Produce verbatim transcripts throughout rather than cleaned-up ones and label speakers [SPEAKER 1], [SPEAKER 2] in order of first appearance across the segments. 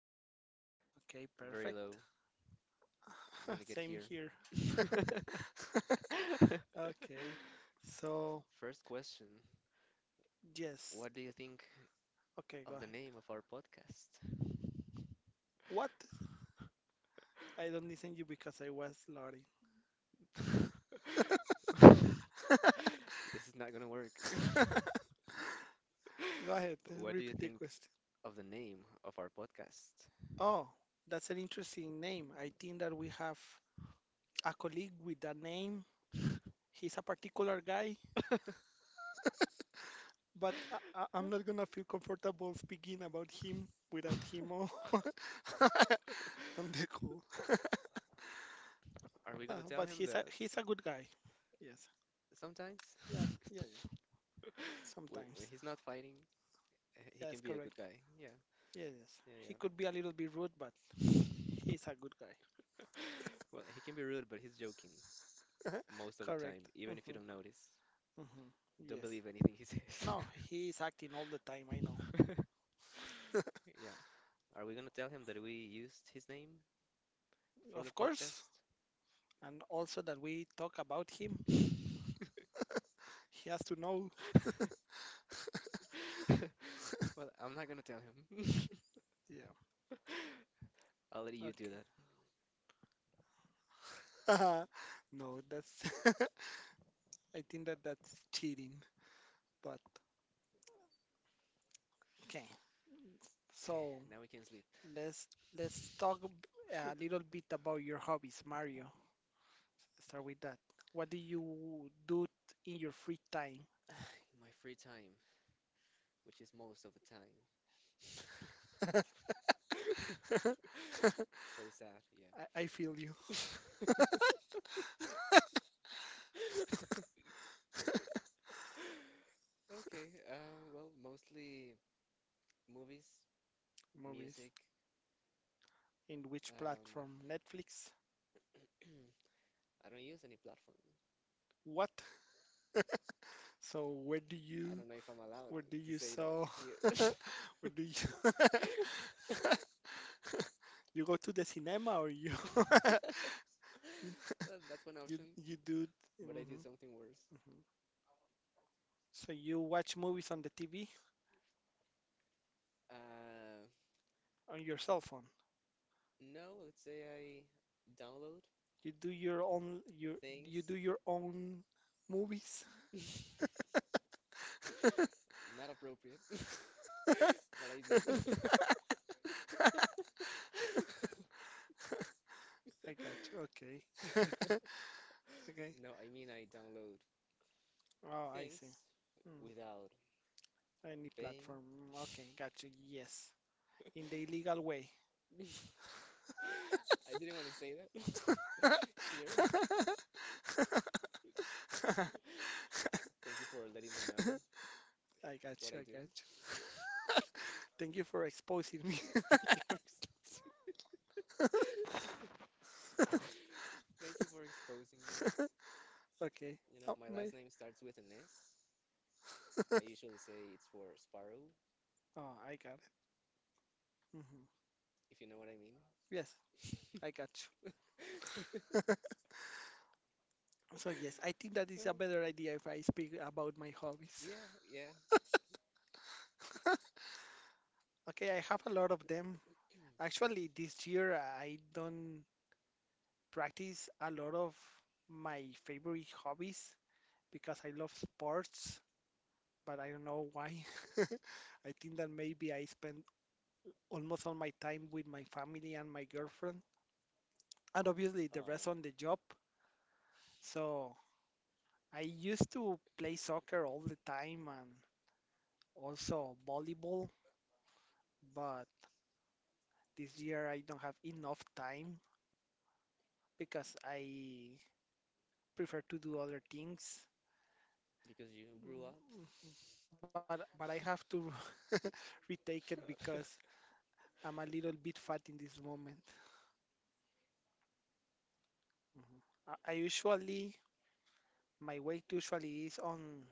[SPEAKER 1] hear you
[SPEAKER 2] Okay,
[SPEAKER 1] very low.
[SPEAKER 2] perfect.
[SPEAKER 1] I'm gonna get
[SPEAKER 2] Same
[SPEAKER 1] here.
[SPEAKER 2] here. Okay, so
[SPEAKER 1] First question.
[SPEAKER 2] yes.
[SPEAKER 1] What do you think
[SPEAKER 2] Okay, go
[SPEAKER 1] of the
[SPEAKER 2] ahead.
[SPEAKER 1] name of our podcast?
[SPEAKER 2] What? I don't listen you because I was loading.
[SPEAKER 1] This is not gonna work.
[SPEAKER 2] Go ahead,
[SPEAKER 1] What do you
[SPEAKER 2] repeat the
[SPEAKER 1] think
[SPEAKER 2] question.
[SPEAKER 1] of the name of our podcast?
[SPEAKER 2] Oh, that's an interesting name. I think that we have a colleague with that name. He's a particular guy, but I, I, I'm not gonna feel comfortable speaking about him without him. I They're cool.
[SPEAKER 1] Are we gonna
[SPEAKER 2] Uh,
[SPEAKER 1] tell
[SPEAKER 2] but
[SPEAKER 1] him
[SPEAKER 2] he's a
[SPEAKER 1] that
[SPEAKER 2] he's a good guy. Yes.
[SPEAKER 1] sometimes,
[SPEAKER 2] Yeah. Yeah. Yeah.
[SPEAKER 1] when when
[SPEAKER 2] Sometimes.
[SPEAKER 1] he's not fighting, h- he can
[SPEAKER 2] Yes.
[SPEAKER 1] be a
[SPEAKER 2] Correct.
[SPEAKER 1] good guy. Yeah,
[SPEAKER 2] Yes. Yes.
[SPEAKER 1] yeah,
[SPEAKER 2] He could
[SPEAKER 1] yeah.
[SPEAKER 2] be a little bit rude, but he's a good guy.
[SPEAKER 1] Well, he can be rude, but he's joking most of the
[SPEAKER 2] Correct.
[SPEAKER 1] time, even if you
[SPEAKER 2] Mm-hmm.
[SPEAKER 1] don't notice.
[SPEAKER 2] Mm-hmm.
[SPEAKER 1] Don't
[SPEAKER 2] Yes.
[SPEAKER 1] believe anything he says.
[SPEAKER 2] No, he's acting all the time. I know.
[SPEAKER 1] Yeah. Are we gonna tell him that we used his name for the
[SPEAKER 2] Of course.
[SPEAKER 1] podcast?
[SPEAKER 2] And also that we talk about him. He has to know.
[SPEAKER 1] Well, I'm not gonna tell him.
[SPEAKER 2] Yeah.
[SPEAKER 1] I'll let you do that.
[SPEAKER 2] Okay. No, that's. I think that that's cheating. But okay.
[SPEAKER 1] Okay,
[SPEAKER 2] So
[SPEAKER 1] now we can sleep.
[SPEAKER 2] Let's let's talk ab- a
[SPEAKER 1] In
[SPEAKER 2] little bit about your hobbies, Mario. Start with that. What do you do in your free time?
[SPEAKER 1] my free time, which is most of the time.
[SPEAKER 2] I,
[SPEAKER 1] So sad,
[SPEAKER 2] I feel you.
[SPEAKER 1] yeah. Okay, uh, well, mostly movies,
[SPEAKER 2] Movies.
[SPEAKER 1] music.
[SPEAKER 2] In which
[SPEAKER 1] Um,
[SPEAKER 2] platform? Netflix?
[SPEAKER 1] I don't use any platform.
[SPEAKER 2] What? So where do
[SPEAKER 1] I
[SPEAKER 2] you
[SPEAKER 1] don't know if I'm allowed
[SPEAKER 2] where do
[SPEAKER 1] to
[SPEAKER 2] you
[SPEAKER 1] say that
[SPEAKER 2] saw
[SPEAKER 1] here.
[SPEAKER 2] where do you you go to the cinema or you
[SPEAKER 1] Well, that's one
[SPEAKER 2] you
[SPEAKER 1] option,
[SPEAKER 2] you do
[SPEAKER 1] but I did
[SPEAKER 2] mhm,
[SPEAKER 1] something worse.
[SPEAKER 2] mhm. So you watch movies on the T V
[SPEAKER 1] Uh,
[SPEAKER 2] on your cell phone.
[SPEAKER 1] no, let's say I download
[SPEAKER 2] You do your own your you
[SPEAKER 1] things.
[SPEAKER 2] do your own movies.
[SPEAKER 1] Not appropriate, but I do.
[SPEAKER 2] I got you. Okay. Okay.
[SPEAKER 1] No, I mean I download
[SPEAKER 2] Oh, I see.
[SPEAKER 1] things
[SPEAKER 2] Hmm.
[SPEAKER 1] without
[SPEAKER 2] Any
[SPEAKER 1] paying.
[SPEAKER 2] platform. Mm, okay, got you. Yes. In the illegal way.
[SPEAKER 1] I didn't want to say that
[SPEAKER 2] I
[SPEAKER 1] here. Thank you for letting them know
[SPEAKER 2] got
[SPEAKER 1] what
[SPEAKER 2] you.
[SPEAKER 1] I
[SPEAKER 2] I
[SPEAKER 1] do.
[SPEAKER 2] got you. Thank you for exposing me.
[SPEAKER 1] Thank you for exposing. Thank you for exposing me.
[SPEAKER 2] Okay.
[SPEAKER 1] You know,
[SPEAKER 2] Oh,
[SPEAKER 1] my
[SPEAKER 2] my.
[SPEAKER 1] last name starts with an S. I usually say it's for Sparrow,
[SPEAKER 2] Oh, I got it. Hmm.
[SPEAKER 1] if you know what I mean.
[SPEAKER 2] Yes, I got you. So yes, I think that is a better idea if I speak about my hobbies.
[SPEAKER 1] Yeah, yeah.
[SPEAKER 2] Okay, I have a lot of them. Actually, this year I don't practice a lot of my favorite hobbies because I love sports, but I don't know why. I think that maybe I spend almost all my time with my family and my girlfriend, and obviously the
[SPEAKER 1] Uh,
[SPEAKER 2] rest on the job. So I used to play soccer all the time and also volleyball, but this year I don't have enough time because I prefer to do other things.
[SPEAKER 1] because you grew up.
[SPEAKER 2] But but I have to retake it because I'm a little bit fat in this moment. Mhm. I, I usually My weight usually is on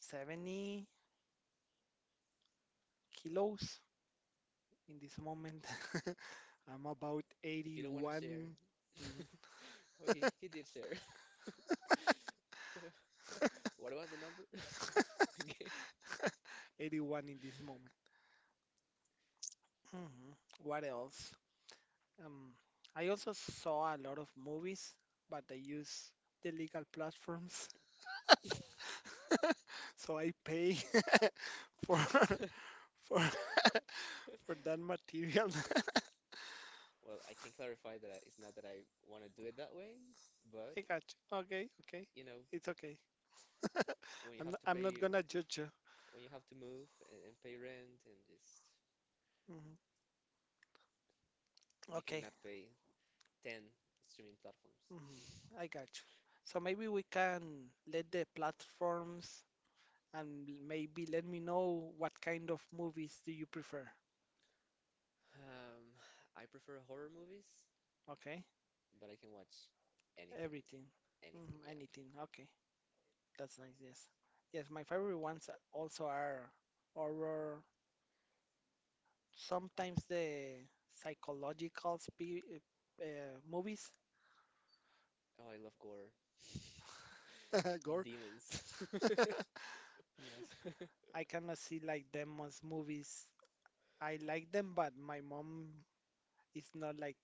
[SPEAKER 2] seventy kilos in this moment. I'm about
[SPEAKER 1] If you don't want to
[SPEAKER 2] eighty-one.
[SPEAKER 1] share.
[SPEAKER 2] Mhm.
[SPEAKER 1] Oh, he, he did share. What was the number again?
[SPEAKER 2] eighty-one in this moment. Mhm. What else? Um, I also saw a lot of movies, but they use the legal platforms, so I pay for for for that material.
[SPEAKER 1] Well, I can clarify that I, it's not that I want to do it that way, but
[SPEAKER 2] I got you. Okay, okay,
[SPEAKER 1] you know,
[SPEAKER 2] it's okay.
[SPEAKER 1] when you
[SPEAKER 2] I'm
[SPEAKER 1] have
[SPEAKER 2] not,
[SPEAKER 1] to
[SPEAKER 2] I'm not
[SPEAKER 1] pay,
[SPEAKER 2] gonna judge you.
[SPEAKER 1] when you have to move and, and pay rent and just,
[SPEAKER 2] Mhm.
[SPEAKER 1] you
[SPEAKER 2] Okay.
[SPEAKER 1] cannot pay ten streaming platforms.
[SPEAKER 2] Mhm. I got you. So maybe we can let the platforms and maybe let me know what kind of movies do you prefer.
[SPEAKER 1] Um, I prefer horror movies,
[SPEAKER 2] Okay.
[SPEAKER 1] but I can watch anything,
[SPEAKER 2] Everything.
[SPEAKER 1] anything.
[SPEAKER 2] Hmm.
[SPEAKER 1] Yeah.
[SPEAKER 2] Anything. Okay. That's nice. Yes. Yes. My favorite ones are- also are horror. Sometimes the psychological spe uh, movies.
[SPEAKER 1] Oh, I love gore.
[SPEAKER 2] Gore.
[SPEAKER 1] Demons.
[SPEAKER 2] Yes. I cannot see like demons movies. I like them, but my mom is not like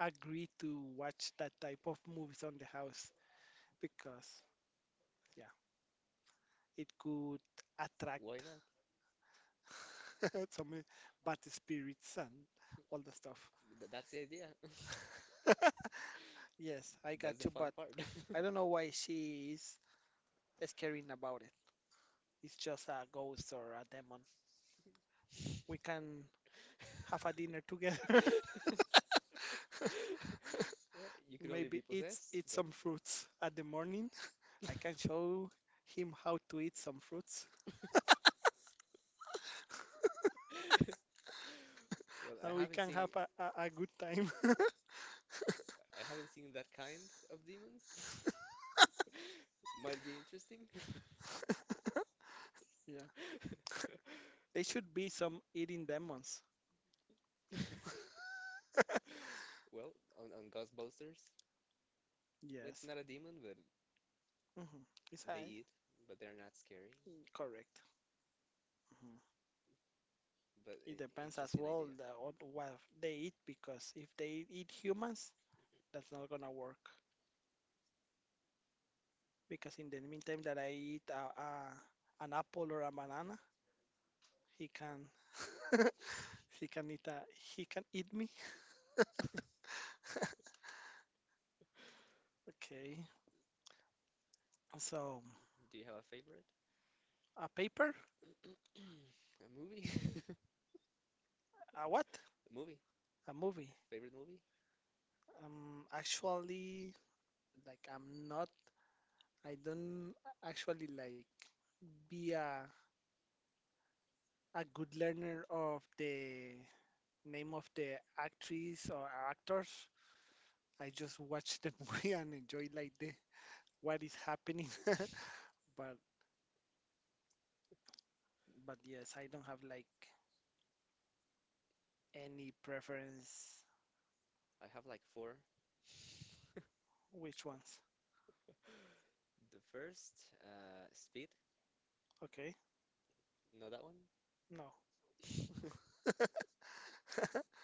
[SPEAKER 2] agree to watch that type of movies on the house because yeah, it could
[SPEAKER 1] Why not?
[SPEAKER 2] attract Some but the spirits and all the stuff.
[SPEAKER 1] Th- that's the idea.
[SPEAKER 2] Yes, I
[SPEAKER 1] That's the
[SPEAKER 2] got you,
[SPEAKER 1] fun
[SPEAKER 2] but
[SPEAKER 1] part.
[SPEAKER 2] I don't know why she is scaring about it. It's just a ghost or a demon. We can have a dinner together.
[SPEAKER 1] Yeah, you could only be
[SPEAKER 2] Maybe eat
[SPEAKER 1] possessed,
[SPEAKER 2] eat
[SPEAKER 1] but
[SPEAKER 2] some fruits at the morning. I can show him how to eat some fruits,
[SPEAKER 1] well, I
[SPEAKER 2] and we
[SPEAKER 1] haven't
[SPEAKER 2] can
[SPEAKER 1] seen
[SPEAKER 2] have a, a, a, good time.
[SPEAKER 1] I haven't seen that kind of demons. Might be interesting.
[SPEAKER 2] Yeah, they should be some eating demons.
[SPEAKER 1] Well, on, on Ghostbusters, it's
[SPEAKER 2] Yes.
[SPEAKER 1] not a demon, but
[SPEAKER 2] Hmm. Is
[SPEAKER 1] they
[SPEAKER 2] I
[SPEAKER 1] eat, but they're not scary.
[SPEAKER 2] correct? Mhm.
[SPEAKER 1] But
[SPEAKER 2] It
[SPEAKER 1] I
[SPEAKER 2] depends as
[SPEAKER 1] Interesting
[SPEAKER 2] well
[SPEAKER 1] idea.
[SPEAKER 2] the, on what they eat because if they eat humans, that's not gonna work. Because in the meantime that I eat a, a, an apple or a banana, he can he can eat a, he can eat me. Okay, so
[SPEAKER 1] Do you have a favorite?
[SPEAKER 2] a paper,
[SPEAKER 1] A movie?
[SPEAKER 2] a what?
[SPEAKER 1] A movie?
[SPEAKER 2] A movie.
[SPEAKER 1] A favorite movie?
[SPEAKER 2] Um, actually, like I'm not, I don't actually like be a a good learner of the name of the actress or actors. I just watch the movie and enjoy like the what is happening. But but yes, I don't have like any preference
[SPEAKER 1] I have like four.
[SPEAKER 2] which ones.
[SPEAKER 1] The first, uh, Speed.
[SPEAKER 2] Okay.
[SPEAKER 1] Know that one?
[SPEAKER 2] No.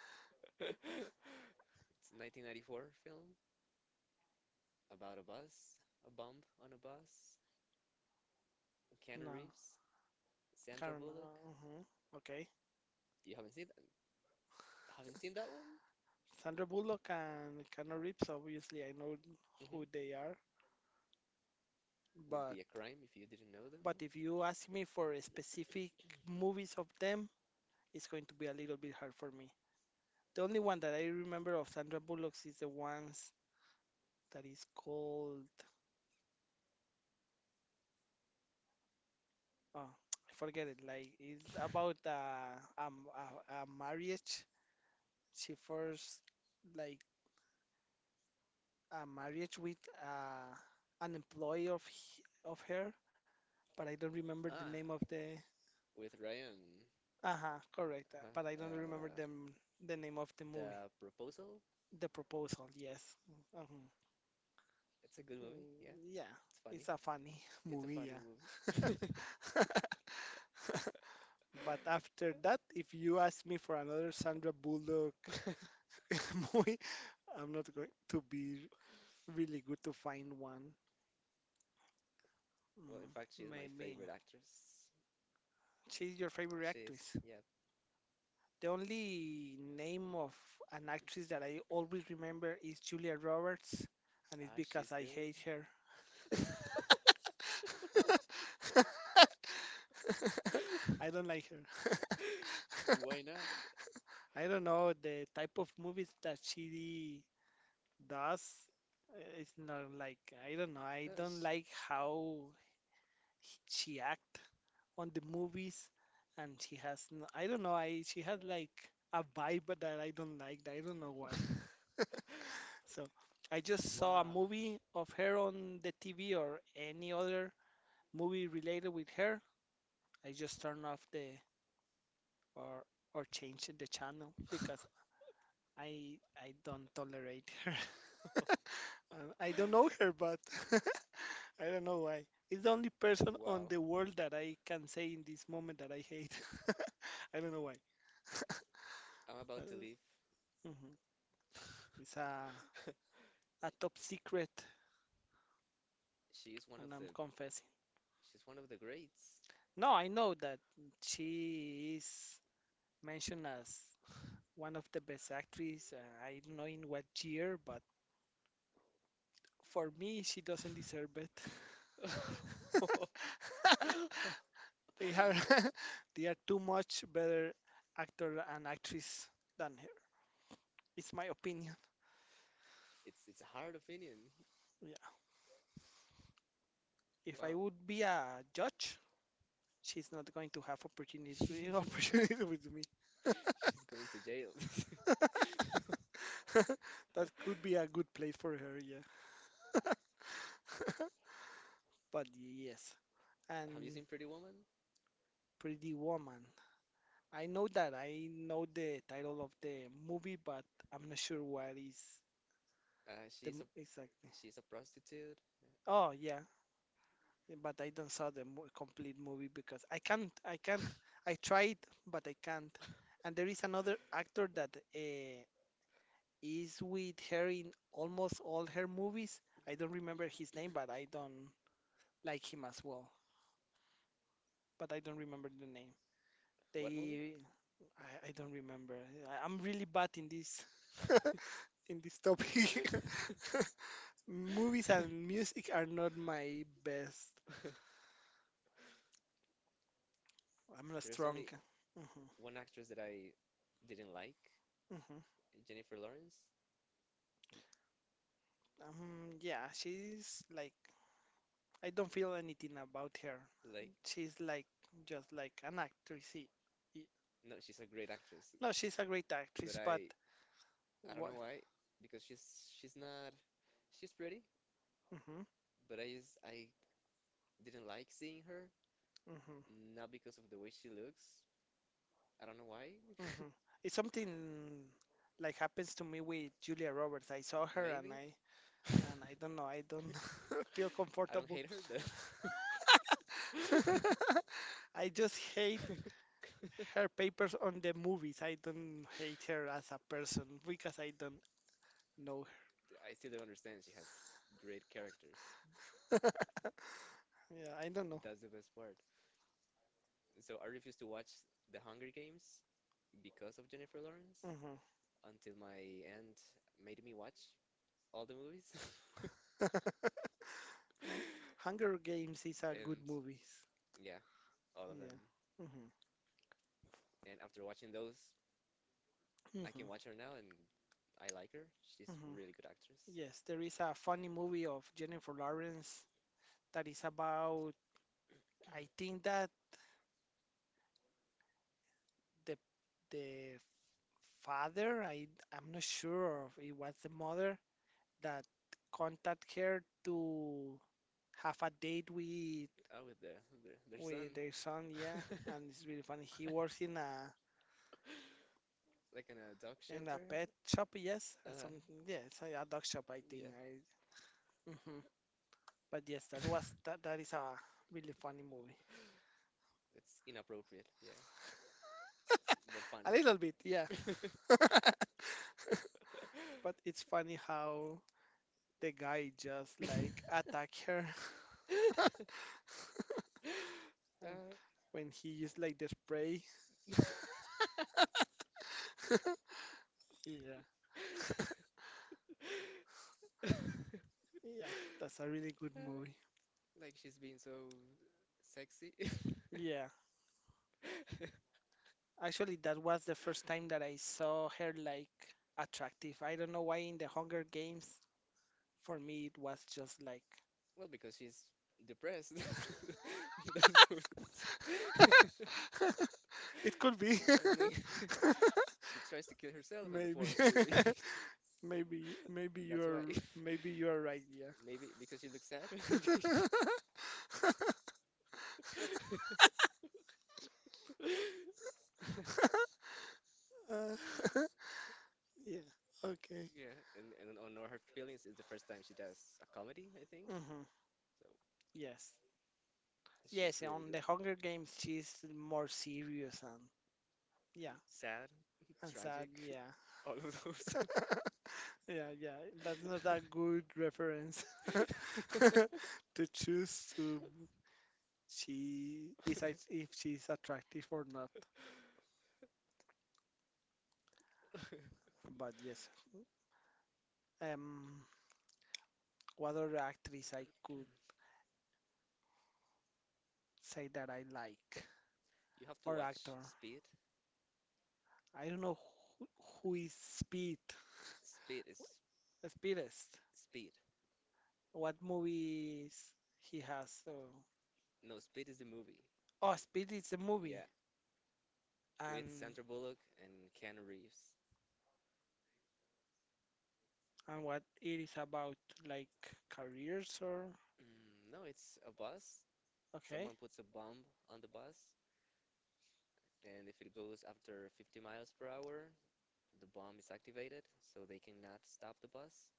[SPEAKER 1] It's a nineteen ninety-four film about a bus, a bump on a bus, Keanu
[SPEAKER 2] No.
[SPEAKER 1] Reeves, Sandra
[SPEAKER 2] I don't
[SPEAKER 1] Bullock.
[SPEAKER 2] know. Mhm. Okay.
[SPEAKER 1] You haven't seen haven't seen that one?
[SPEAKER 2] Sandra Bullock and Keanu Reeves, obviously I know who
[SPEAKER 1] hmm
[SPEAKER 2] they are,
[SPEAKER 1] Would be
[SPEAKER 2] but
[SPEAKER 1] a crime if you didn't know them.
[SPEAKER 2] but if you ask me for a specific movies of them, it's going to be a little bit hard for me. The only one that I remember of Sandra Bullock is the ones that is called oh, I forget it. Like it's about uh, um, a, a marriage. She first like a marriage with uh, an employee of he- of her, but I don't remember the
[SPEAKER 1] Ah,
[SPEAKER 2] name of the.
[SPEAKER 1] with Ryan.
[SPEAKER 2] Uh-huh, correct. uh,
[SPEAKER 1] Uh-huh.
[SPEAKER 2] But I don't remember
[SPEAKER 1] Uh,
[SPEAKER 2] the m- the name of the movie.
[SPEAKER 1] The Proposal.
[SPEAKER 2] The Proposal, yes. Uh-huh.
[SPEAKER 1] It's a good movie. Yeah,
[SPEAKER 2] Mm, yeah,
[SPEAKER 1] it's funny.
[SPEAKER 2] it's a funny
[SPEAKER 1] It's a
[SPEAKER 2] movie.
[SPEAKER 1] funny
[SPEAKER 2] Yeah.
[SPEAKER 1] movie.
[SPEAKER 2] But after that, if you ask me for another Sandra Bullock movie, I'm not going to be really good to find one.
[SPEAKER 1] Well, in
[SPEAKER 2] Mm,
[SPEAKER 1] fact, she's my
[SPEAKER 2] maybe.
[SPEAKER 1] favorite actress.
[SPEAKER 2] She's your favorite
[SPEAKER 1] She's,
[SPEAKER 2] actress.
[SPEAKER 1] yeah.
[SPEAKER 2] The only name of an actress that I always remember is Julia Roberts, and it's
[SPEAKER 1] Ah, she's
[SPEAKER 2] because I
[SPEAKER 1] good.
[SPEAKER 2] hate her. I don't like her.
[SPEAKER 1] Why not?
[SPEAKER 2] I don't know the type of movies that she. Thus, it's not like I don't know. I
[SPEAKER 1] Uh,
[SPEAKER 2] don't
[SPEAKER 1] sh-
[SPEAKER 2] like how he- she act on the movies, and she has no, I don't know. I she had like a vibe that I don't like. I don't know why. So I just saw a
[SPEAKER 1] Wow.
[SPEAKER 2] movie of her on the T V or any other movie related with her. I just turn off the or or change the channel because I I don't tolerate her. And I don't know her, but I don't know why. It's the only person on
[SPEAKER 1] Wow.
[SPEAKER 2] the world that I can say in this moment that I hate. I don't know why.
[SPEAKER 1] I'm about to
[SPEAKER 2] Uh,
[SPEAKER 1] leave.
[SPEAKER 2] mhm. It's a, a top secret,
[SPEAKER 1] She is one of
[SPEAKER 2] and I'm
[SPEAKER 1] the
[SPEAKER 2] confessing.
[SPEAKER 1] she's one of the greats.
[SPEAKER 2] No, I know that she is mentioned as one of the best actresses. Uh, I don't know in what year, but for me, she doesn't deserve it. They are they are too much better actor and actress than her. It's my opinion.
[SPEAKER 1] It's it's a hard opinion.
[SPEAKER 2] Yeah. If I
[SPEAKER 1] Wow.
[SPEAKER 2] would be a judge, she's not going to have opportunities opportunities with me.
[SPEAKER 1] She's going to jail.
[SPEAKER 2] That could be a good place for her, yeah. But yes,
[SPEAKER 1] Have you
[SPEAKER 2] and
[SPEAKER 1] seen Pretty Woman?
[SPEAKER 2] Pretty Woman. I know that I know the title of the movie, but I'm not sure what is
[SPEAKER 1] Uh,
[SPEAKER 2] the
[SPEAKER 1] she's
[SPEAKER 2] m-
[SPEAKER 1] a
[SPEAKER 2] exactly.
[SPEAKER 1] she's a prostitute. Yeah.
[SPEAKER 2] Oh yeah, but I don't saw the mo- complete movie because I can't. I can't. I tried, but I can't. And there is another actor that uh, is with her in almost all her movies. I don't remember his name, but I don't like him as well. But I don't remember the name.
[SPEAKER 1] What movie?
[SPEAKER 2] They, I, I don't remember. I, I'm really bad in this, in this topic. Movies and music are not my best. I'm not
[SPEAKER 1] There's
[SPEAKER 2] strong.
[SPEAKER 1] only
[SPEAKER 2] Hmm.
[SPEAKER 1] one actress that I didn't like, Jennifer Lawrence.
[SPEAKER 2] Um, yeah, she's like, I don't feel anything about her.
[SPEAKER 1] Like,
[SPEAKER 2] She's like, just like an actress. She- y-
[SPEAKER 1] no, she's a great actress,
[SPEAKER 2] No, she's a great actress,
[SPEAKER 1] but
[SPEAKER 2] but
[SPEAKER 1] I I don't
[SPEAKER 2] what?
[SPEAKER 1] know why because she's she's not she's pretty,
[SPEAKER 2] Mm-hmm,
[SPEAKER 1] but I just I didn't like seeing her,
[SPEAKER 2] mm-hmm,
[SPEAKER 1] not because of the way she looks. I don't know why.
[SPEAKER 2] mm-hmm. It's something like happens to me with Julia Roberts. I saw her and
[SPEAKER 1] Maybe.
[SPEAKER 2] I, and I don't know, I don't feel
[SPEAKER 1] I don't
[SPEAKER 2] comfortable.
[SPEAKER 1] hate her
[SPEAKER 2] I just hate
[SPEAKER 1] though.
[SPEAKER 2] her papers on the movies. I don't hate her as a person because I don't know
[SPEAKER 1] I still don't understand. She has great characters.
[SPEAKER 2] her. Yeah, I don't know.
[SPEAKER 1] That's the best part. So I refused to watch The Hunger Games because of Jennifer Lawrence
[SPEAKER 2] Hmm.
[SPEAKER 1] until my aunt made me watch all the movies.
[SPEAKER 2] Hunger Games is a good
[SPEAKER 1] And
[SPEAKER 2] movies.
[SPEAKER 1] yeah, all of
[SPEAKER 2] Yeah.
[SPEAKER 1] them.
[SPEAKER 2] Hmm.
[SPEAKER 1] And after watching those, I
[SPEAKER 2] Hmm.
[SPEAKER 1] can watch her now and I like her. She's
[SPEAKER 2] Hmm.
[SPEAKER 1] a really good actress.
[SPEAKER 2] Yes, there is a funny movie of Jennifer Lawrence that is about, I think that the the father, I I'm not sure if it was the mother that contact her to have a date with
[SPEAKER 1] Oh, with their their, their son.
[SPEAKER 2] with their son, yeah, and it's really funny. He works in a
[SPEAKER 1] Like in a dog
[SPEAKER 2] In a
[SPEAKER 1] shelter?
[SPEAKER 2] pet shop, yes, uh,
[SPEAKER 1] uh
[SPEAKER 2] some yes, a a dog shop, I think.
[SPEAKER 1] Yeah.
[SPEAKER 2] I, hmm But yes, that was that, that is a really funny movie.
[SPEAKER 1] It's inappropriate. Yeah. But
[SPEAKER 2] A
[SPEAKER 1] funny.
[SPEAKER 2] little bit, yeah. But it's funny how the guy just like attack her
[SPEAKER 1] Uh,
[SPEAKER 2] and when he used like the spray. Yeah, yeah, that's a really good movie.
[SPEAKER 1] like she's being so sexy.
[SPEAKER 2] Yeah, actually, that was the first time that I saw her like attractive. I don't know why in the Hunger Games. For me, it was just like,
[SPEAKER 1] Well, because she's depressed. That's what it's.
[SPEAKER 2] It could be.
[SPEAKER 1] I mean, she tries to kill herself in the
[SPEAKER 2] Maybe.
[SPEAKER 1] fourth movie.
[SPEAKER 2] Maybe maybe
[SPEAKER 1] That's
[SPEAKER 2] you're
[SPEAKER 1] why.
[SPEAKER 2] maybe you're right, yeah.
[SPEAKER 1] Maybe because you look sad.
[SPEAKER 2] Uh, yeah. Okay.
[SPEAKER 1] Yeah, and and on Know Her Feelings is the first time she does a comedy, I think.
[SPEAKER 2] Hmm.
[SPEAKER 1] So
[SPEAKER 2] Yes, yes.
[SPEAKER 1] she's really
[SPEAKER 2] On the
[SPEAKER 1] good.
[SPEAKER 2] Hunger Games, she's more serious and yeah,
[SPEAKER 1] Sad,
[SPEAKER 2] and sad.
[SPEAKER 1] tragic,
[SPEAKER 2] Yeah,
[SPEAKER 1] all of those.
[SPEAKER 2] yeah, yeah. That's not a good reference to choose to. She decides if she's attractive or not. But yes. Um, what other actress I could say that I like
[SPEAKER 1] You have to
[SPEAKER 2] or actor?
[SPEAKER 1] watch Speed.
[SPEAKER 2] I don't know who, who is Speed.
[SPEAKER 1] Speed is
[SPEAKER 2] Speedest.
[SPEAKER 1] Speed.
[SPEAKER 2] What movies he has? So,
[SPEAKER 1] No, Speed is the movie.
[SPEAKER 2] oh, Speed is a movie.
[SPEAKER 1] Yeah, with
[SPEAKER 2] And
[SPEAKER 1] Sandra Bullock and Keanu Reeves.
[SPEAKER 2] and what it is about, like careers or
[SPEAKER 1] Mm, no, it's a bus.
[SPEAKER 2] okay?
[SPEAKER 1] Someone puts a bomb on the bus, and if it goes after fifty miles per hour, the bomb is activated, so they cannot stop the bus.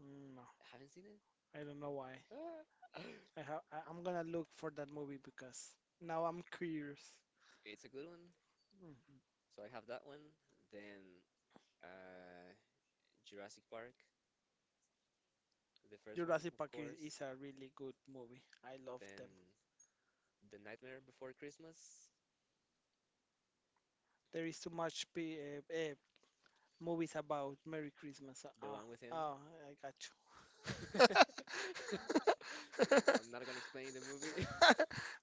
[SPEAKER 2] Mm, No,
[SPEAKER 1] Haven't seen it?
[SPEAKER 2] I don't know why.
[SPEAKER 1] Ah.
[SPEAKER 2] I have. I, I'm gonna look for that movie because now I'm curious.
[SPEAKER 1] It's a good one.
[SPEAKER 2] Mhm.
[SPEAKER 1] So I have that one. Then uh, Jurassic Park, the first one,
[SPEAKER 2] Jurassic
[SPEAKER 1] of
[SPEAKER 2] Park is, is
[SPEAKER 1] course.
[SPEAKER 2] a really good movie. I love
[SPEAKER 1] Then
[SPEAKER 2] them.
[SPEAKER 1] The Nightmare Before Christmas,
[SPEAKER 2] There is too much p- uh, uh, movies about Merry Christmas.
[SPEAKER 1] the
[SPEAKER 2] Ah,
[SPEAKER 1] one with him.
[SPEAKER 2] ah, oh, I got you.
[SPEAKER 1] I'm not gonna explain the movie.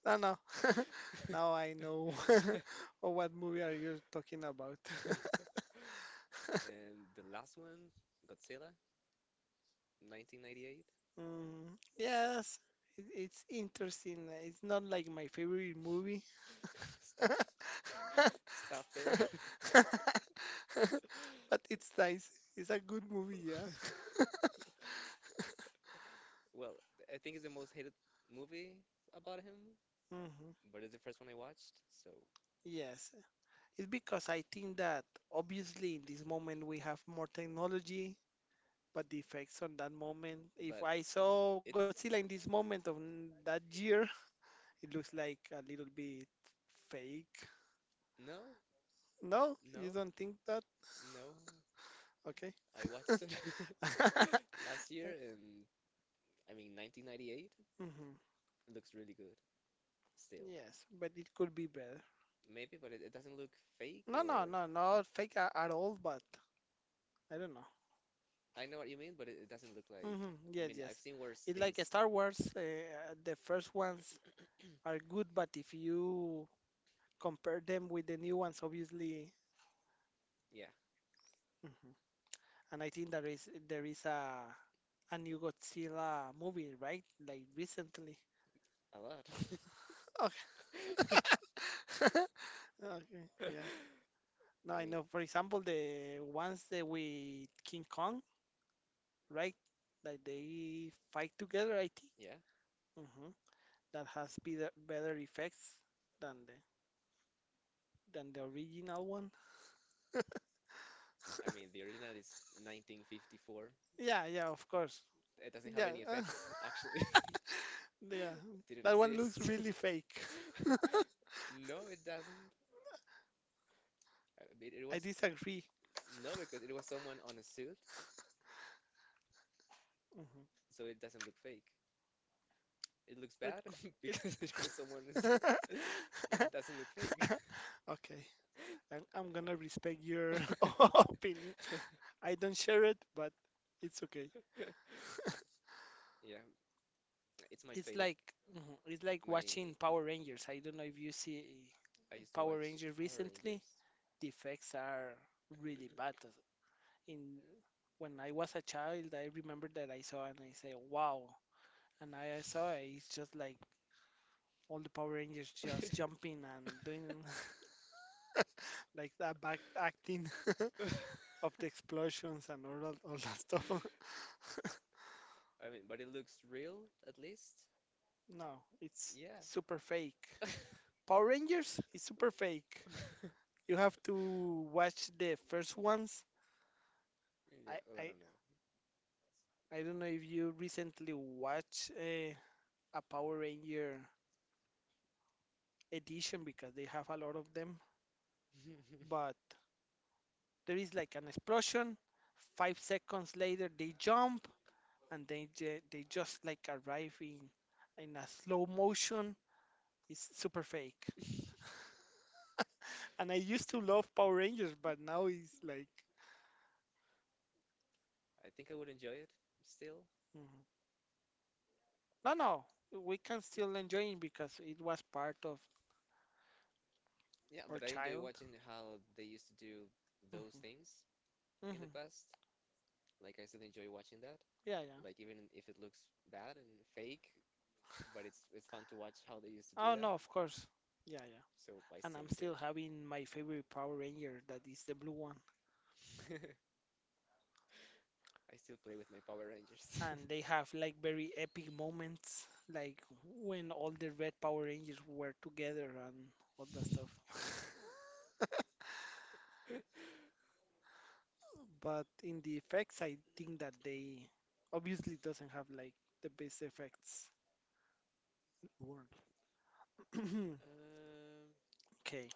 [SPEAKER 2] No, no. Now I know. Oh, what movie are you talking about?
[SPEAKER 1] And the last one, Godzilla, nineteen ninety-eight.
[SPEAKER 2] Mm, yes, it, it's interesting. It's not like my favorite movie.
[SPEAKER 1] Stop, stop there.
[SPEAKER 2] But it's nice. It's a good movie, yeah.
[SPEAKER 1] Well, I think it's the most hated movie about him,
[SPEAKER 2] Hmm.
[SPEAKER 1] but it's the first one I watched. So,
[SPEAKER 2] Yes. It's because I think that obviously in this moment we have more technology, but the effects on that moment, if
[SPEAKER 1] but
[SPEAKER 2] I saw
[SPEAKER 1] it's
[SPEAKER 2] Godzilla in this moment of n- that year, it looks like a little bit fake.
[SPEAKER 1] No,
[SPEAKER 2] No, you
[SPEAKER 1] no,
[SPEAKER 2] don't think that?
[SPEAKER 1] no.
[SPEAKER 2] Okay.
[SPEAKER 1] I watched it last year, and I mean, nineteen ninety-eight
[SPEAKER 2] Hmm.
[SPEAKER 1] looks really good still.
[SPEAKER 2] Yes, but it could be better.
[SPEAKER 1] Maybe, but it, it doesn't look fake
[SPEAKER 2] No, no,
[SPEAKER 1] or
[SPEAKER 2] no, not fake a- at all, but I don't know.
[SPEAKER 1] I know what you mean, but it, it doesn't look like.
[SPEAKER 2] Hmm.
[SPEAKER 1] I
[SPEAKER 2] Yes,
[SPEAKER 1] mean,
[SPEAKER 2] yes.
[SPEAKER 1] I've seen worse
[SPEAKER 2] It's like a
[SPEAKER 1] things.
[SPEAKER 2] Star Wars. Uh, the first ones are good, but if you compare them with the new ones, obviously.
[SPEAKER 1] Yeah,
[SPEAKER 2] Mhm. And I think there is there is a a new Godzilla movie, right? Like recently.
[SPEAKER 1] a lot.
[SPEAKER 2] Okay. Okay. Yeah.
[SPEAKER 1] I
[SPEAKER 2] No, I
[SPEAKER 1] mean,
[SPEAKER 2] know. For example, the ones that with King Kong, right? Like they fight together, I think.
[SPEAKER 1] yeah.
[SPEAKER 2] Hmm. That has better better effects than the than the original one.
[SPEAKER 1] I mean, the original is nineteen fifty-four.
[SPEAKER 2] Yeah, yeah, of course.
[SPEAKER 1] It doesn't have
[SPEAKER 2] Yeah,
[SPEAKER 1] any
[SPEAKER 2] uh,
[SPEAKER 1] effects, actually.
[SPEAKER 2] yeah.
[SPEAKER 1] It didn't
[SPEAKER 2] That one looks
[SPEAKER 1] exist.
[SPEAKER 2] really fake.
[SPEAKER 1] No, it doesn't. Uh, It, it
[SPEAKER 2] I
[SPEAKER 1] was
[SPEAKER 2] disagree.
[SPEAKER 1] No, because it was someone on a suit,
[SPEAKER 2] Mhm.
[SPEAKER 1] so it doesn't look fake. It looks
[SPEAKER 2] It,
[SPEAKER 1] bad because it
[SPEAKER 2] it.
[SPEAKER 1] was someone in a suit, but it doesn't look fake.
[SPEAKER 2] Okay, I'm, I'm gonna respect your opinion. I don't share it, but it's okay.
[SPEAKER 1] Yeah, it's my
[SPEAKER 2] It's
[SPEAKER 1] favorite.
[SPEAKER 2] like mhm, it's like
[SPEAKER 1] My
[SPEAKER 2] watching Power Rangers. I don't know if you see
[SPEAKER 1] I used to
[SPEAKER 2] Power
[SPEAKER 1] watch
[SPEAKER 2] Rangers
[SPEAKER 1] Power
[SPEAKER 2] recently.
[SPEAKER 1] Rangers.
[SPEAKER 2] The effects are really bad. In when I was a child, I remember that I saw and I say, "Wow!" And I, I saw it, it's just like all the Power Rangers just jumping and doing like that back acting of the explosions and all that, all that stuff.
[SPEAKER 1] I mean, but it looks real at least.
[SPEAKER 2] No, it's
[SPEAKER 1] Yeah.
[SPEAKER 2] super fake. Power Rangers is super fake. You have to watch the first ones. I
[SPEAKER 1] Yeah, well, I
[SPEAKER 2] I,
[SPEAKER 1] don't know.
[SPEAKER 2] I don't know if you recently watched a, a Power Ranger edition because they have a lot of them, but there is like an explosion. Five seconds later, they jump and they they just like arrive in in a slow motion. It's super fake. And I used to love Power Rangers, but now it's like
[SPEAKER 1] I think I would enjoy it still.
[SPEAKER 2] mhm. no, no. We can still enjoy it because it was part of
[SPEAKER 1] Yeah,
[SPEAKER 2] our
[SPEAKER 1] but I enjoy
[SPEAKER 2] child.
[SPEAKER 1] watching how they used to do those
[SPEAKER 2] Mhm.
[SPEAKER 1] things in
[SPEAKER 2] Mhm.
[SPEAKER 1] the past. Like, I still enjoy watching that.
[SPEAKER 2] Yeah, yeah.
[SPEAKER 1] Like, even if it looks bad and fake, but it's it's fun to watch how they used to
[SPEAKER 2] Oh
[SPEAKER 1] do
[SPEAKER 2] no,
[SPEAKER 1] that.
[SPEAKER 2] of course. Yeah, yeah.
[SPEAKER 1] So I
[SPEAKER 2] And
[SPEAKER 1] still
[SPEAKER 2] I'm
[SPEAKER 1] enjoy
[SPEAKER 2] still
[SPEAKER 1] it.
[SPEAKER 2] having my favorite Power Ranger that is the blue one,
[SPEAKER 1] I still play with my Power Rangers.
[SPEAKER 2] and they have like very epic moments, like when all the red Power Rangers were together and all that stuff.
[SPEAKER 1] Um,
[SPEAKER 2] But in the effects, I think that they obviously doesn't have like the best effects in the world. Okay,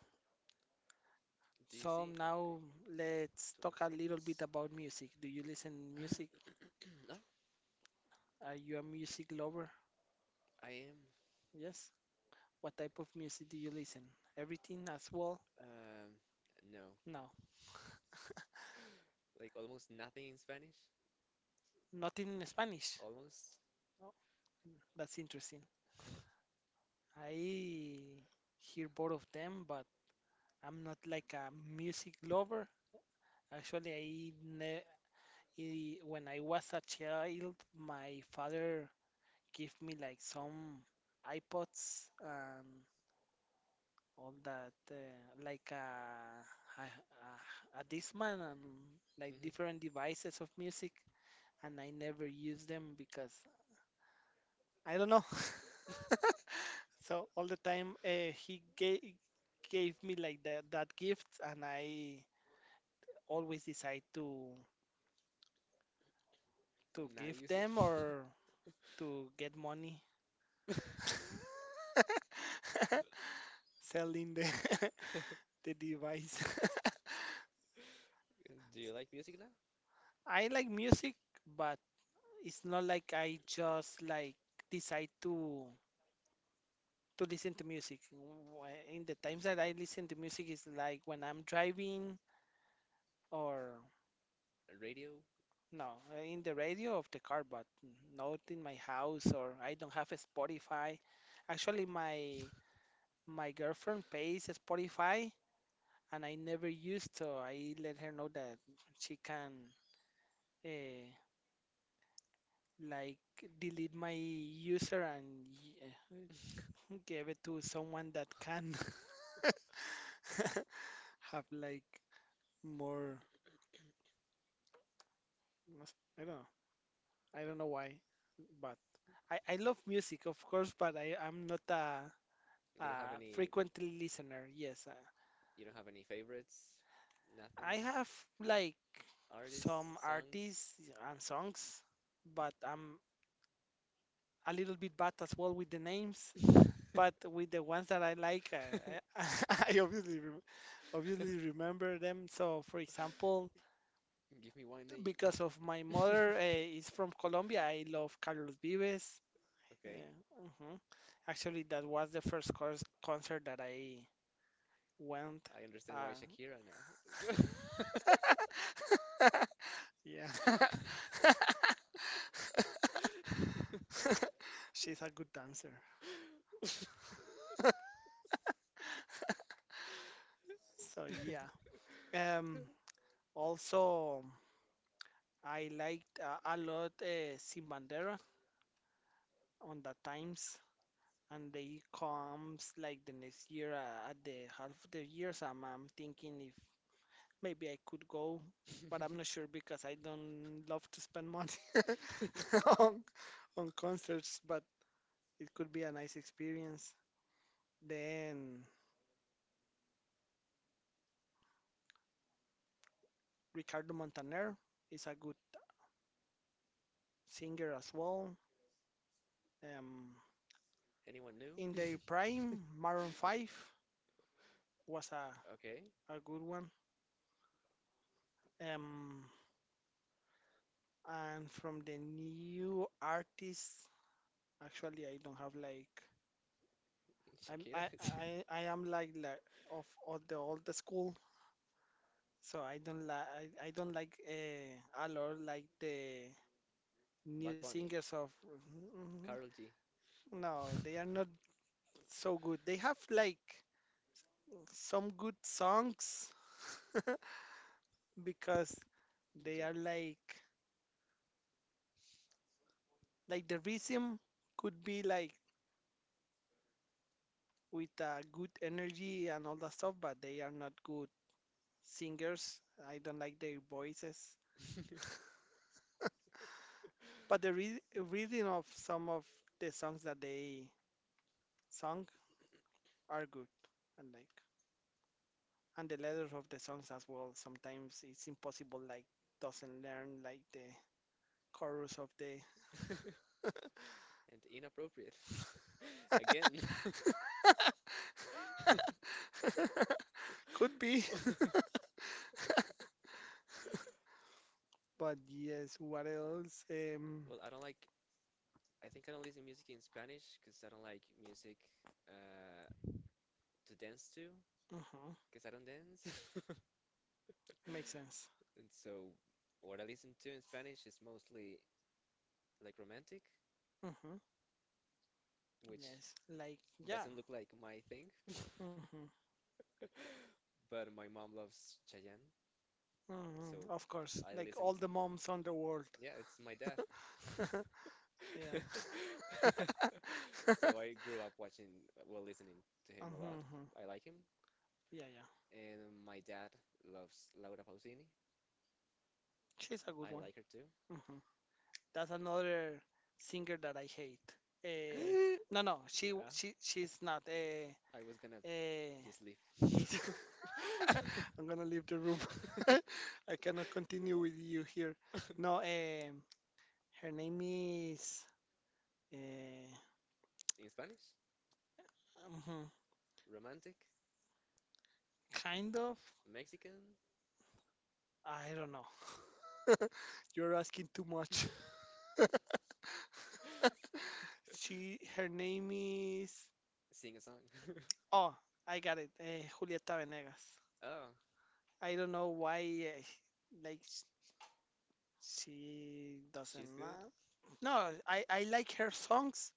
[SPEAKER 1] do you
[SPEAKER 2] so
[SPEAKER 1] see? Oh,
[SPEAKER 2] now
[SPEAKER 1] okay,
[SPEAKER 2] let's talk
[SPEAKER 1] twenty-two
[SPEAKER 2] a little bit
[SPEAKER 1] minutes.
[SPEAKER 2] about music. Do you listen music?
[SPEAKER 1] No,
[SPEAKER 2] Are you a music lover?
[SPEAKER 1] I am.
[SPEAKER 2] Yes. What type of music do you listen? Everything as well?
[SPEAKER 1] Um, no,
[SPEAKER 2] No,
[SPEAKER 1] like almost nothing in Spanish.
[SPEAKER 2] not in Spanish.
[SPEAKER 1] Almost.
[SPEAKER 2] Oh, that's interesting. I hear both of them, but I'm not like a music lover. Actually, I, ne I when I was a child, my father gave me like some iPods and all that, uh, like a, a, a, a Discman and like
[SPEAKER 1] Mhm.
[SPEAKER 2] different devices of music, and I never used them because I don't know. So all the time uh, he gave gave me like that that gift, and I always decide to to
[SPEAKER 1] Not
[SPEAKER 2] give
[SPEAKER 1] use it.
[SPEAKER 2] them or to get money selling the the device.
[SPEAKER 1] Do you like music now?
[SPEAKER 2] I like music, but it's not like I just like decide to to listen to music. Wh- In the times that I listen to music is like when I'm driving or
[SPEAKER 1] Radio?
[SPEAKER 2] no, uh, in the radio of the car, but not in my house or I don't have a Spotify. Actually, my my girlfriend pays a Spotify, and I never used, so I let her know that she can uh, like delete my user and uh, give it to someone that can have like more. I don't know. I don't know why, but I I love music, of course, but I I'm not a
[SPEAKER 1] You don't have
[SPEAKER 2] Uh,
[SPEAKER 1] any
[SPEAKER 2] frequently listener, yes. Uh,
[SPEAKER 1] you don't have any favorites?
[SPEAKER 2] I
[SPEAKER 1] Nothing?
[SPEAKER 2] have like some
[SPEAKER 1] Artists, songs?
[SPEAKER 2] artists and songs, but I'm a little bit bad as well with the names. But with the ones that I like, uh, I I obviously re obviously remember them. So, for example,
[SPEAKER 1] Give me one name.
[SPEAKER 2] because of my mother uh, is from Colombia, I love Carlos Vives.
[SPEAKER 1] Okay,
[SPEAKER 2] Uh, mhm. Actually, that was the first cons concert that I went.
[SPEAKER 1] I understand why
[SPEAKER 2] Uh,
[SPEAKER 1] Shakira now.
[SPEAKER 2] Yeah. She's a good dancer. So yeah. Um also I liked uh, a lot uh, Sin Bandera on the times, and they comes like the next year uh, at the half of the years. So I'm, I'm thinking if maybe I could go, but I'm not sure because I don't love to spend money on, on concerts, but it could be a nice experience. Then Ricardo Montaner is a good singer as well. Um,
[SPEAKER 1] Anyone new?
[SPEAKER 2] in their prime, Maroon five was a,
[SPEAKER 1] Okay,
[SPEAKER 2] a good one. Um, and from the new artists, actually, I don't have like I'm
[SPEAKER 1] Shakira.
[SPEAKER 2] I I, I am like, like of of the old school, so I don't like I, I don't like uh, a lot like the
[SPEAKER 1] Bad
[SPEAKER 2] new
[SPEAKER 1] Bunny,
[SPEAKER 2] singers of mm,
[SPEAKER 1] Carol G,
[SPEAKER 2] no, they are not so good. They have like some good songs. Because they
[SPEAKER 1] Jo.
[SPEAKER 2] are like like the rhythm could be like with uh, good energy and all that stuff, but they are not good singers. I don't like their voices. But the re- reading of some of the songs that they sung are good, and like and the letters of the songs as well. Sometimes it's impossible, like doesn't learn like the chorus of the
[SPEAKER 1] And inappropriate. Again.
[SPEAKER 2] could be. But yes, what else? Um,
[SPEAKER 1] Well, I don't like, I think I don't listen music in Spanish because I don't like music uh, to dance to
[SPEAKER 2] mhm,
[SPEAKER 1] because I don't dance.
[SPEAKER 2] makes sense.
[SPEAKER 1] And so what I listen to in Spanish is mostly like romantic,
[SPEAKER 2] Mhm.
[SPEAKER 1] which
[SPEAKER 2] Yes, like yeah,
[SPEAKER 1] doesn't look like my thing.
[SPEAKER 2] hmm.
[SPEAKER 1] But my mom loves Chayanne,
[SPEAKER 2] Hmm,
[SPEAKER 1] so
[SPEAKER 2] of course,
[SPEAKER 1] I
[SPEAKER 2] like
[SPEAKER 1] listen
[SPEAKER 2] all
[SPEAKER 1] to,
[SPEAKER 2] the moms on the world.
[SPEAKER 1] yeah, it's my dad.
[SPEAKER 2] Yeah.
[SPEAKER 1] So I grew up watching, well, listening to him a lot.
[SPEAKER 2] Hmm.
[SPEAKER 1] I like him.
[SPEAKER 2] Yeah, yeah.
[SPEAKER 1] And my dad loves Laura Pausini.
[SPEAKER 2] She's a good
[SPEAKER 1] I
[SPEAKER 2] one.
[SPEAKER 1] like her too.
[SPEAKER 2] Hmm. That's another singer that I hate. Eh, no, no, she
[SPEAKER 1] Yeah,
[SPEAKER 2] she she's not. Uh,
[SPEAKER 1] I was gonna
[SPEAKER 2] Eh.
[SPEAKER 1] just leave.
[SPEAKER 2] is I'm gonna leave the room. I cannot continue with you here. No, um, her name is. Uh,
[SPEAKER 1] In Spanish,
[SPEAKER 2] Mhm,
[SPEAKER 1] romantic,
[SPEAKER 2] kind of.
[SPEAKER 1] Mexican,
[SPEAKER 2] I don't know. You're asking too much. She, her name is.
[SPEAKER 1] sing a song.
[SPEAKER 2] Oh, I got it. Uh, Julieta Venegas.
[SPEAKER 1] Oh,
[SPEAKER 2] I don't know why, uh, like, sh- she doesn't.
[SPEAKER 1] she's good.
[SPEAKER 2] Uh, no, I, I like her songs,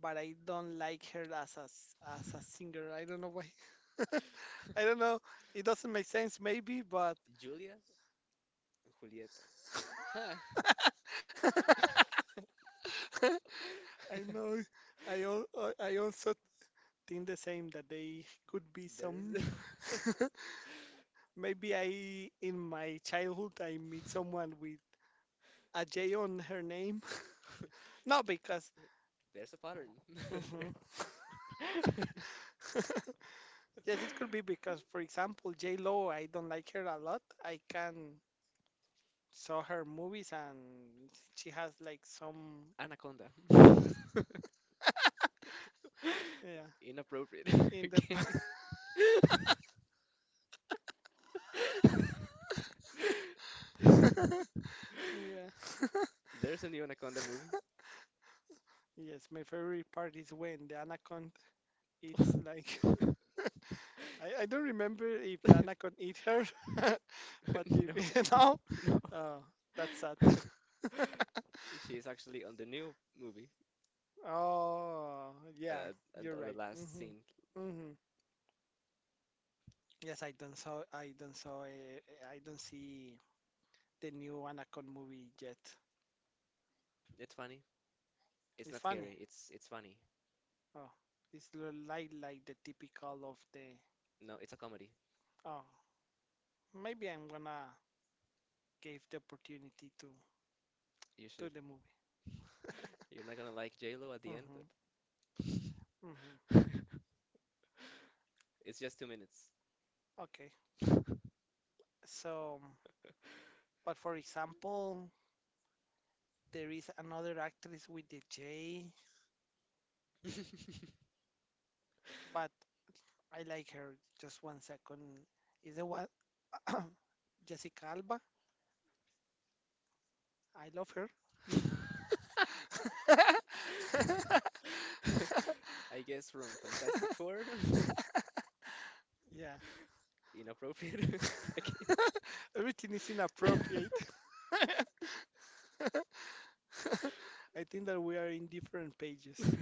[SPEAKER 2] but I don't like her as a, s- as a singer. I don't know why. I don't know. It doesn't make sense, maybe, but
[SPEAKER 1] Julia, Julieta. Huh.
[SPEAKER 2] I know. I, al- I also think the same that they could be some.
[SPEAKER 1] There's
[SPEAKER 2] Maybe I, in my childhood, I meet someone with a J on her name. Not because.
[SPEAKER 1] there's a pattern.
[SPEAKER 2] Mhm. Yes, it could be because, for example, J Lo, I don't like her a lot. I can saw her movies and she has like some
[SPEAKER 1] Anaconda.
[SPEAKER 2] yeah
[SPEAKER 1] Inappropriate
[SPEAKER 2] i- in the pa-
[SPEAKER 1] game.
[SPEAKER 2] yeah
[SPEAKER 1] There's a new Anaconda movie.
[SPEAKER 2] yes my favorite part is when the anaconda it's like I, I don't remember if the anaconda eat her, but if
[SPEAKER 1] No.
[SPEAKER 2] now, uh, that's sad.
[SPEAKER 1] No. She's actually on the new movie,
[SPEAKER 2] Oh, yeah,
[SPEAKER 1] uh, and
[SPEAKER 2] you're
[SPEAKER 1] on the
[SPEAKER 2] right.
[SPEAKER 1] last
[SPEAKER 2] Hmm.
[SPEAKER 1] scene.
[SPEAKER 2] Hmm. Yes, I don't saw. I don't saw. eh, eh, I don't see the new Anaconda movie yet.
[SPEAKER 1] It's funny. It's
[SPEAKER 2] It's
[SPEAKER 1] not
[SPEAKER 2] funny.
[SPEAKER 1] scary. It's it's funny.
[SPEAKER 2] Oh, it's lo- like like the typical of the.
[SPEAKER 1] No, it's a comedy.
[SPEAKER 2] Oh, maybe I'm gonna give the opportunity to
[SPEAKER 1] You
[SPEAKER 2] to
[SPEAKER 1] should.
[SPEAKER 2] the movie.
[SPEAKER 1] You're not gonna like J Lo at the end,
[SPEAKER 2] Hmm. Hmm.
[SPEAKER 1] but it's just two minutes.
[SPEAKER 2] Okay. So, but for example, there is another actress with the J, but I like her. Just one second. Is the one Jessica Alba? I love her.
[SPEAKER 1] I guess from Fantastic Four,
[SPEAKER 2] Yeah.
[SPEAKER 1] inappropriate okay.
[SPEAKER 2] Everything is inappropriate. I think that we are in different pages.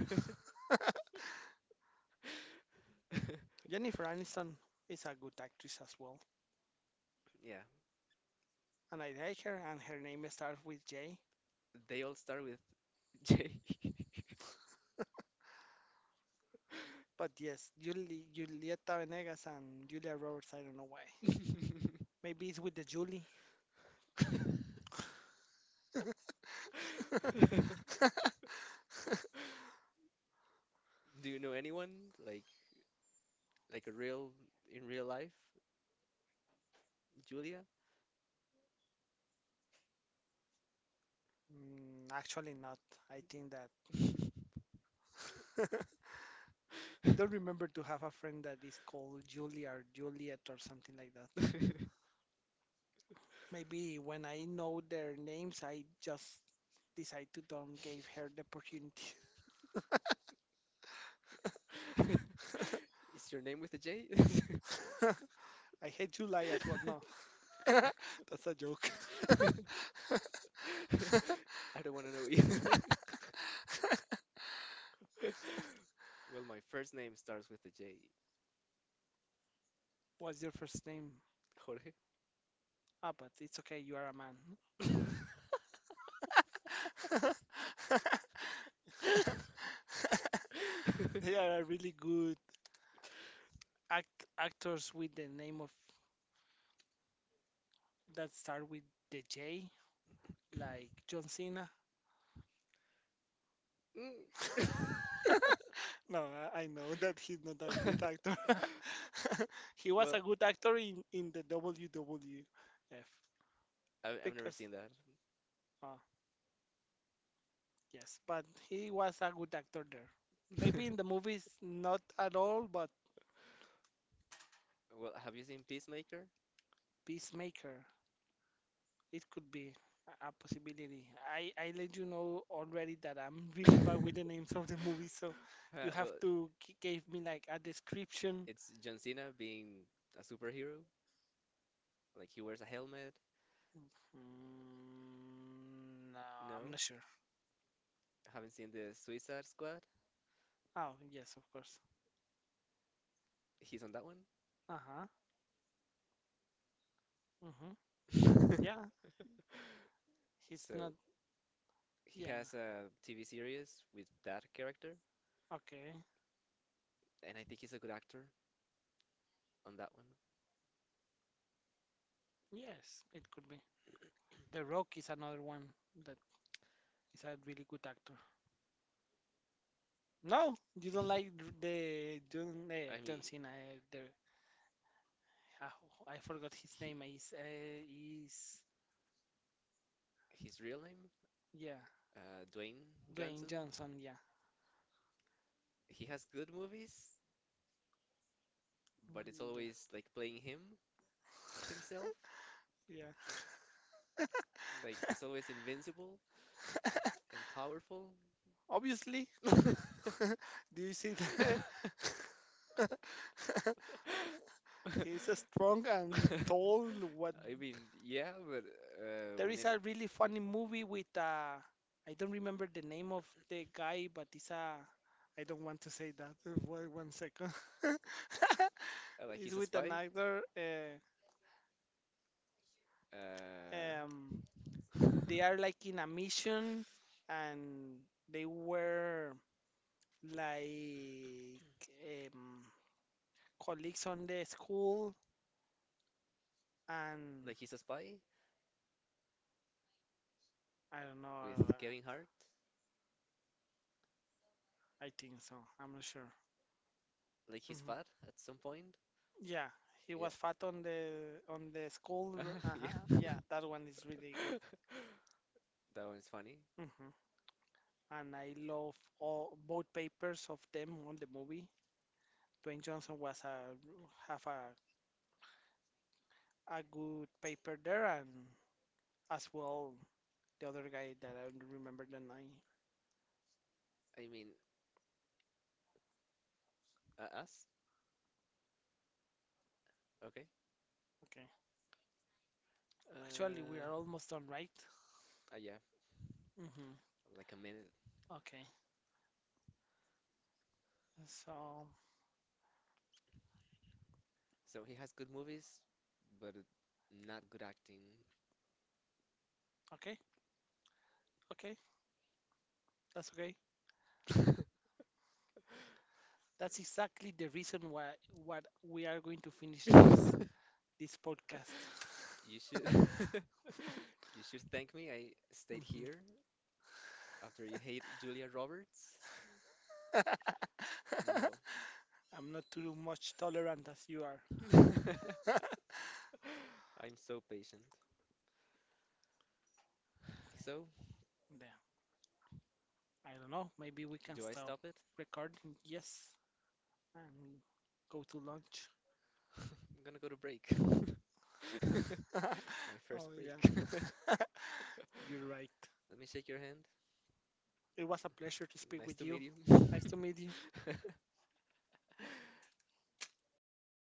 [SPEAKER 2] Jennifer Aniston is a good actress as well,
[SPEAKER 1] Yeah,
[SPEAKER 2] and I like her, and her name starts with J.
[SPEAKER 1] they all start with J.
[SPEAKER 2] But yes, Juli, Julieta Venegas and Julia Roberts, I don't know why. Maybe it's with the Julie.
[SPEAKER 1] Do you know anyone like like a real in real life, Julia?
[SPEAKER 2] Mm, actually, not. I think that I don't remember to have a friend that is called Julie or Juliet or something like that. Maybe when I know their names, I just decide to don't give her the opportunity.
[SPEAKER 1] Is your name with a J?
[SPEAKER 2] I hate July as well. No, that's a joke.
[SPEAKER 1] I don't want to know you. Well, my first name starts with a J.
[SPEAKER 2] What's your first name?
[SPEAKER 1] Jorge.
[SPEAKER 2] Ah, but it's okay. You are a man. There are really good act actors with the name of that start with the J, like John Cena. No, I I know that he's not a good
[SPEAKER 1] Mm.
[SPEAKER 2] actor. He was a
[SPEAKER 1] Well,
[SPEAKER 2] good actor in, in the W W F
[SPEAKER 1] I've, I've never
[SPEAKER 2] because,
[SPEAKER 1] seen that.
[SPEAKER 2] uh, yes, but he was a good actor there. Maybe in the movies, not at all, but
[SPEAKER 1] Well, have you seen Peacemaker?
[SPEAKER 2] Peacemaker. It could be a a possibility. I, I let you know already that I'm really bad with the names of the movies, so
[SPEAKER 1] Huh,
[SPEAKER 2] you have
[SPEAKER 1] well,
[SPEAKER 2] to gi- give me like a description.
[SPEAKER 1] it's John Cena being a superhero. Like he wears a helmet.
[SPEAKER 2] Mm, no, I'm
[SPEAKER 1] No,
[SPEAKER 2] not sure.
[SPEAKER 1] I haven't seen the Suicide Squad.
[SPEAKER 2] Oh, yes, of course.
[SPEAKER 1] He's on that
[SPEAKER 2] Uh-huh. Mm-hmm.
[SPEAKER 1] one.
[SPEAKER 2] Yeah, he's
[SPEAKER 1] So
[SPEAKER 2] not.
[SPEAKER 1] he
[SPEAKER 2] Yeah.
[SPEAKER 1] has a T V series with that character,
[SPEAKER 2] Okay.
[SPEAKER 1] and I think he's a good actor on that one.
[SPEAKER 2] Yes, it could be. The Rock is another one that is a really good actor. No, you don't
[SPEAKER 1] He,
[SPEAKER 2] like the John, eh,
[SPEAKER 1] I
[SPEAKER 2] John
[SPEAKER 1] mean,
[SPEAKER 2] Cena, eh, the I, I forgot his
[SPEAKER 1] he
[SPEAKER 2] name. Is uh, is
[SPEAKER 1] his real name,
[SPEAKER 2] yeah,
[SPEAKER 1] uh, Dwayne
[SPEAKER 2] Dwayne
[SPEAKER 1] Johnson.
[SPEAKER 2] Johnson. Yeah,
[SPEAKER 1] He has good movies, but it's
[SPEAKER 2] Mm, yeah,
[SPEAKER 1] always like playing him himself.
[SPEAKER 2] yeah.
[SPEAKER 1] Like he's always invincible and powerful.
[SPEAKER 2] Obviously, do you see that? He's a strong and tall. What?
[SPEAKER 1] I mean, yeah, but uh,
[SPEAKER 2] There
[SPEAKER 1] when
[SPEAKER 2] is
[SPEAKER 1] it
[SPEAKER 2] a really funny movie with uh, I don't remember the name of the guy, but it's a. I don't want to say that. Wait one second.
[SPEAKER 1] uh, like
[SPEAKER 2] It's
[SPEAKER 1] he's a
[SPEAKER 2] with an
[SPEAKER 1] spy,
[SPEAKER 2] actor. Uh,
[SPEAKER 1] uh,
[SPEAKER 2] um, they are like in a mission and they were like um, colleagues on the school and
[SPEAKER 1] like he's a spy
[SPEAKER 2] I don't know.
[SPEAKER 1] with Kevin Hart.
[SPEAKER 2] I think so. I'm not sure.
[SPEAKER 1] Like he's
[SPEAKER 2] Hmm.
[SPEAKER 1] fat at some point.
[SPEAKER 2] Yeah, he
[SPEAKER 1] Yeah,
[SPEAKER 2] was fat on the on the school. r- Uh-huh.
[SPEAKER 1] yeah.
[SPEAKER 2] Yeah, that one is really good.
[SPEAKER 1] That one's funny.
[SPEAKER 2] Hmm. And I love all both papers of them on the movie. Dwayne Johnson was a have a a good paper there, and as well the other guy that I don't remember the name.
[SPEAKER 1] I mean, uh, us? Okay.
[SPEAKER 2] Okay. Actually, we
[SPEAKER 1] Uh,
[SPEAKER 2] are almost done, right?
[SPEAKER 1] uh, yeah,
[SPEAKER 2] Mm-hmm.
[SPEAKER 1] like a minute.
[SPEAKER 2] Okay. So,
[SPEAKER 1] So he has good movies, but uh, not good acting.
[SPEAKER 2] okay, okay, that's okay. That's exactly the reason why what we are going to finish this this podcast.
[SPEAKER 1] You should you should thank me. I stayed
[SPEAKER 2] Mhm.
[SPEAKER 1] here after you hate Julia Roberts. No.
[SPEAKER 2] I'm not too much tolerant as you are.
[SPEAKER 1] I'm so patient.
[SPEAKER 2] Okay.
[SPEAKER 1] So,
[SPEAKER 2] Then, I don't know. Maybe we can
[SPEAKER 1] do I
[SPEAKER 2] stop
[SPEAKER 1] stop it?
[SPEAKER 2] recording. Yes, and go to lunch.
[SPEAKER 1] I'm gonna go to break. My first
[SPEAKER 2] Oh
[SPEAKER 1] break.
[SPEAKER 2] yeah,
[SPEAKER 1] Let
[SPEAKER 2] you're right.
[SPEAKER 1] me shake your hand.
[SPEAKER 2] It was a pleasure to speak
[SPEAKER 1] Nice
[SPEAKER 2] with
[SPEAKER 1] to
[SPEAKER 2] you.
[SPEAKER 1] meet you.
[SPEAKER 2] Nice to meet you.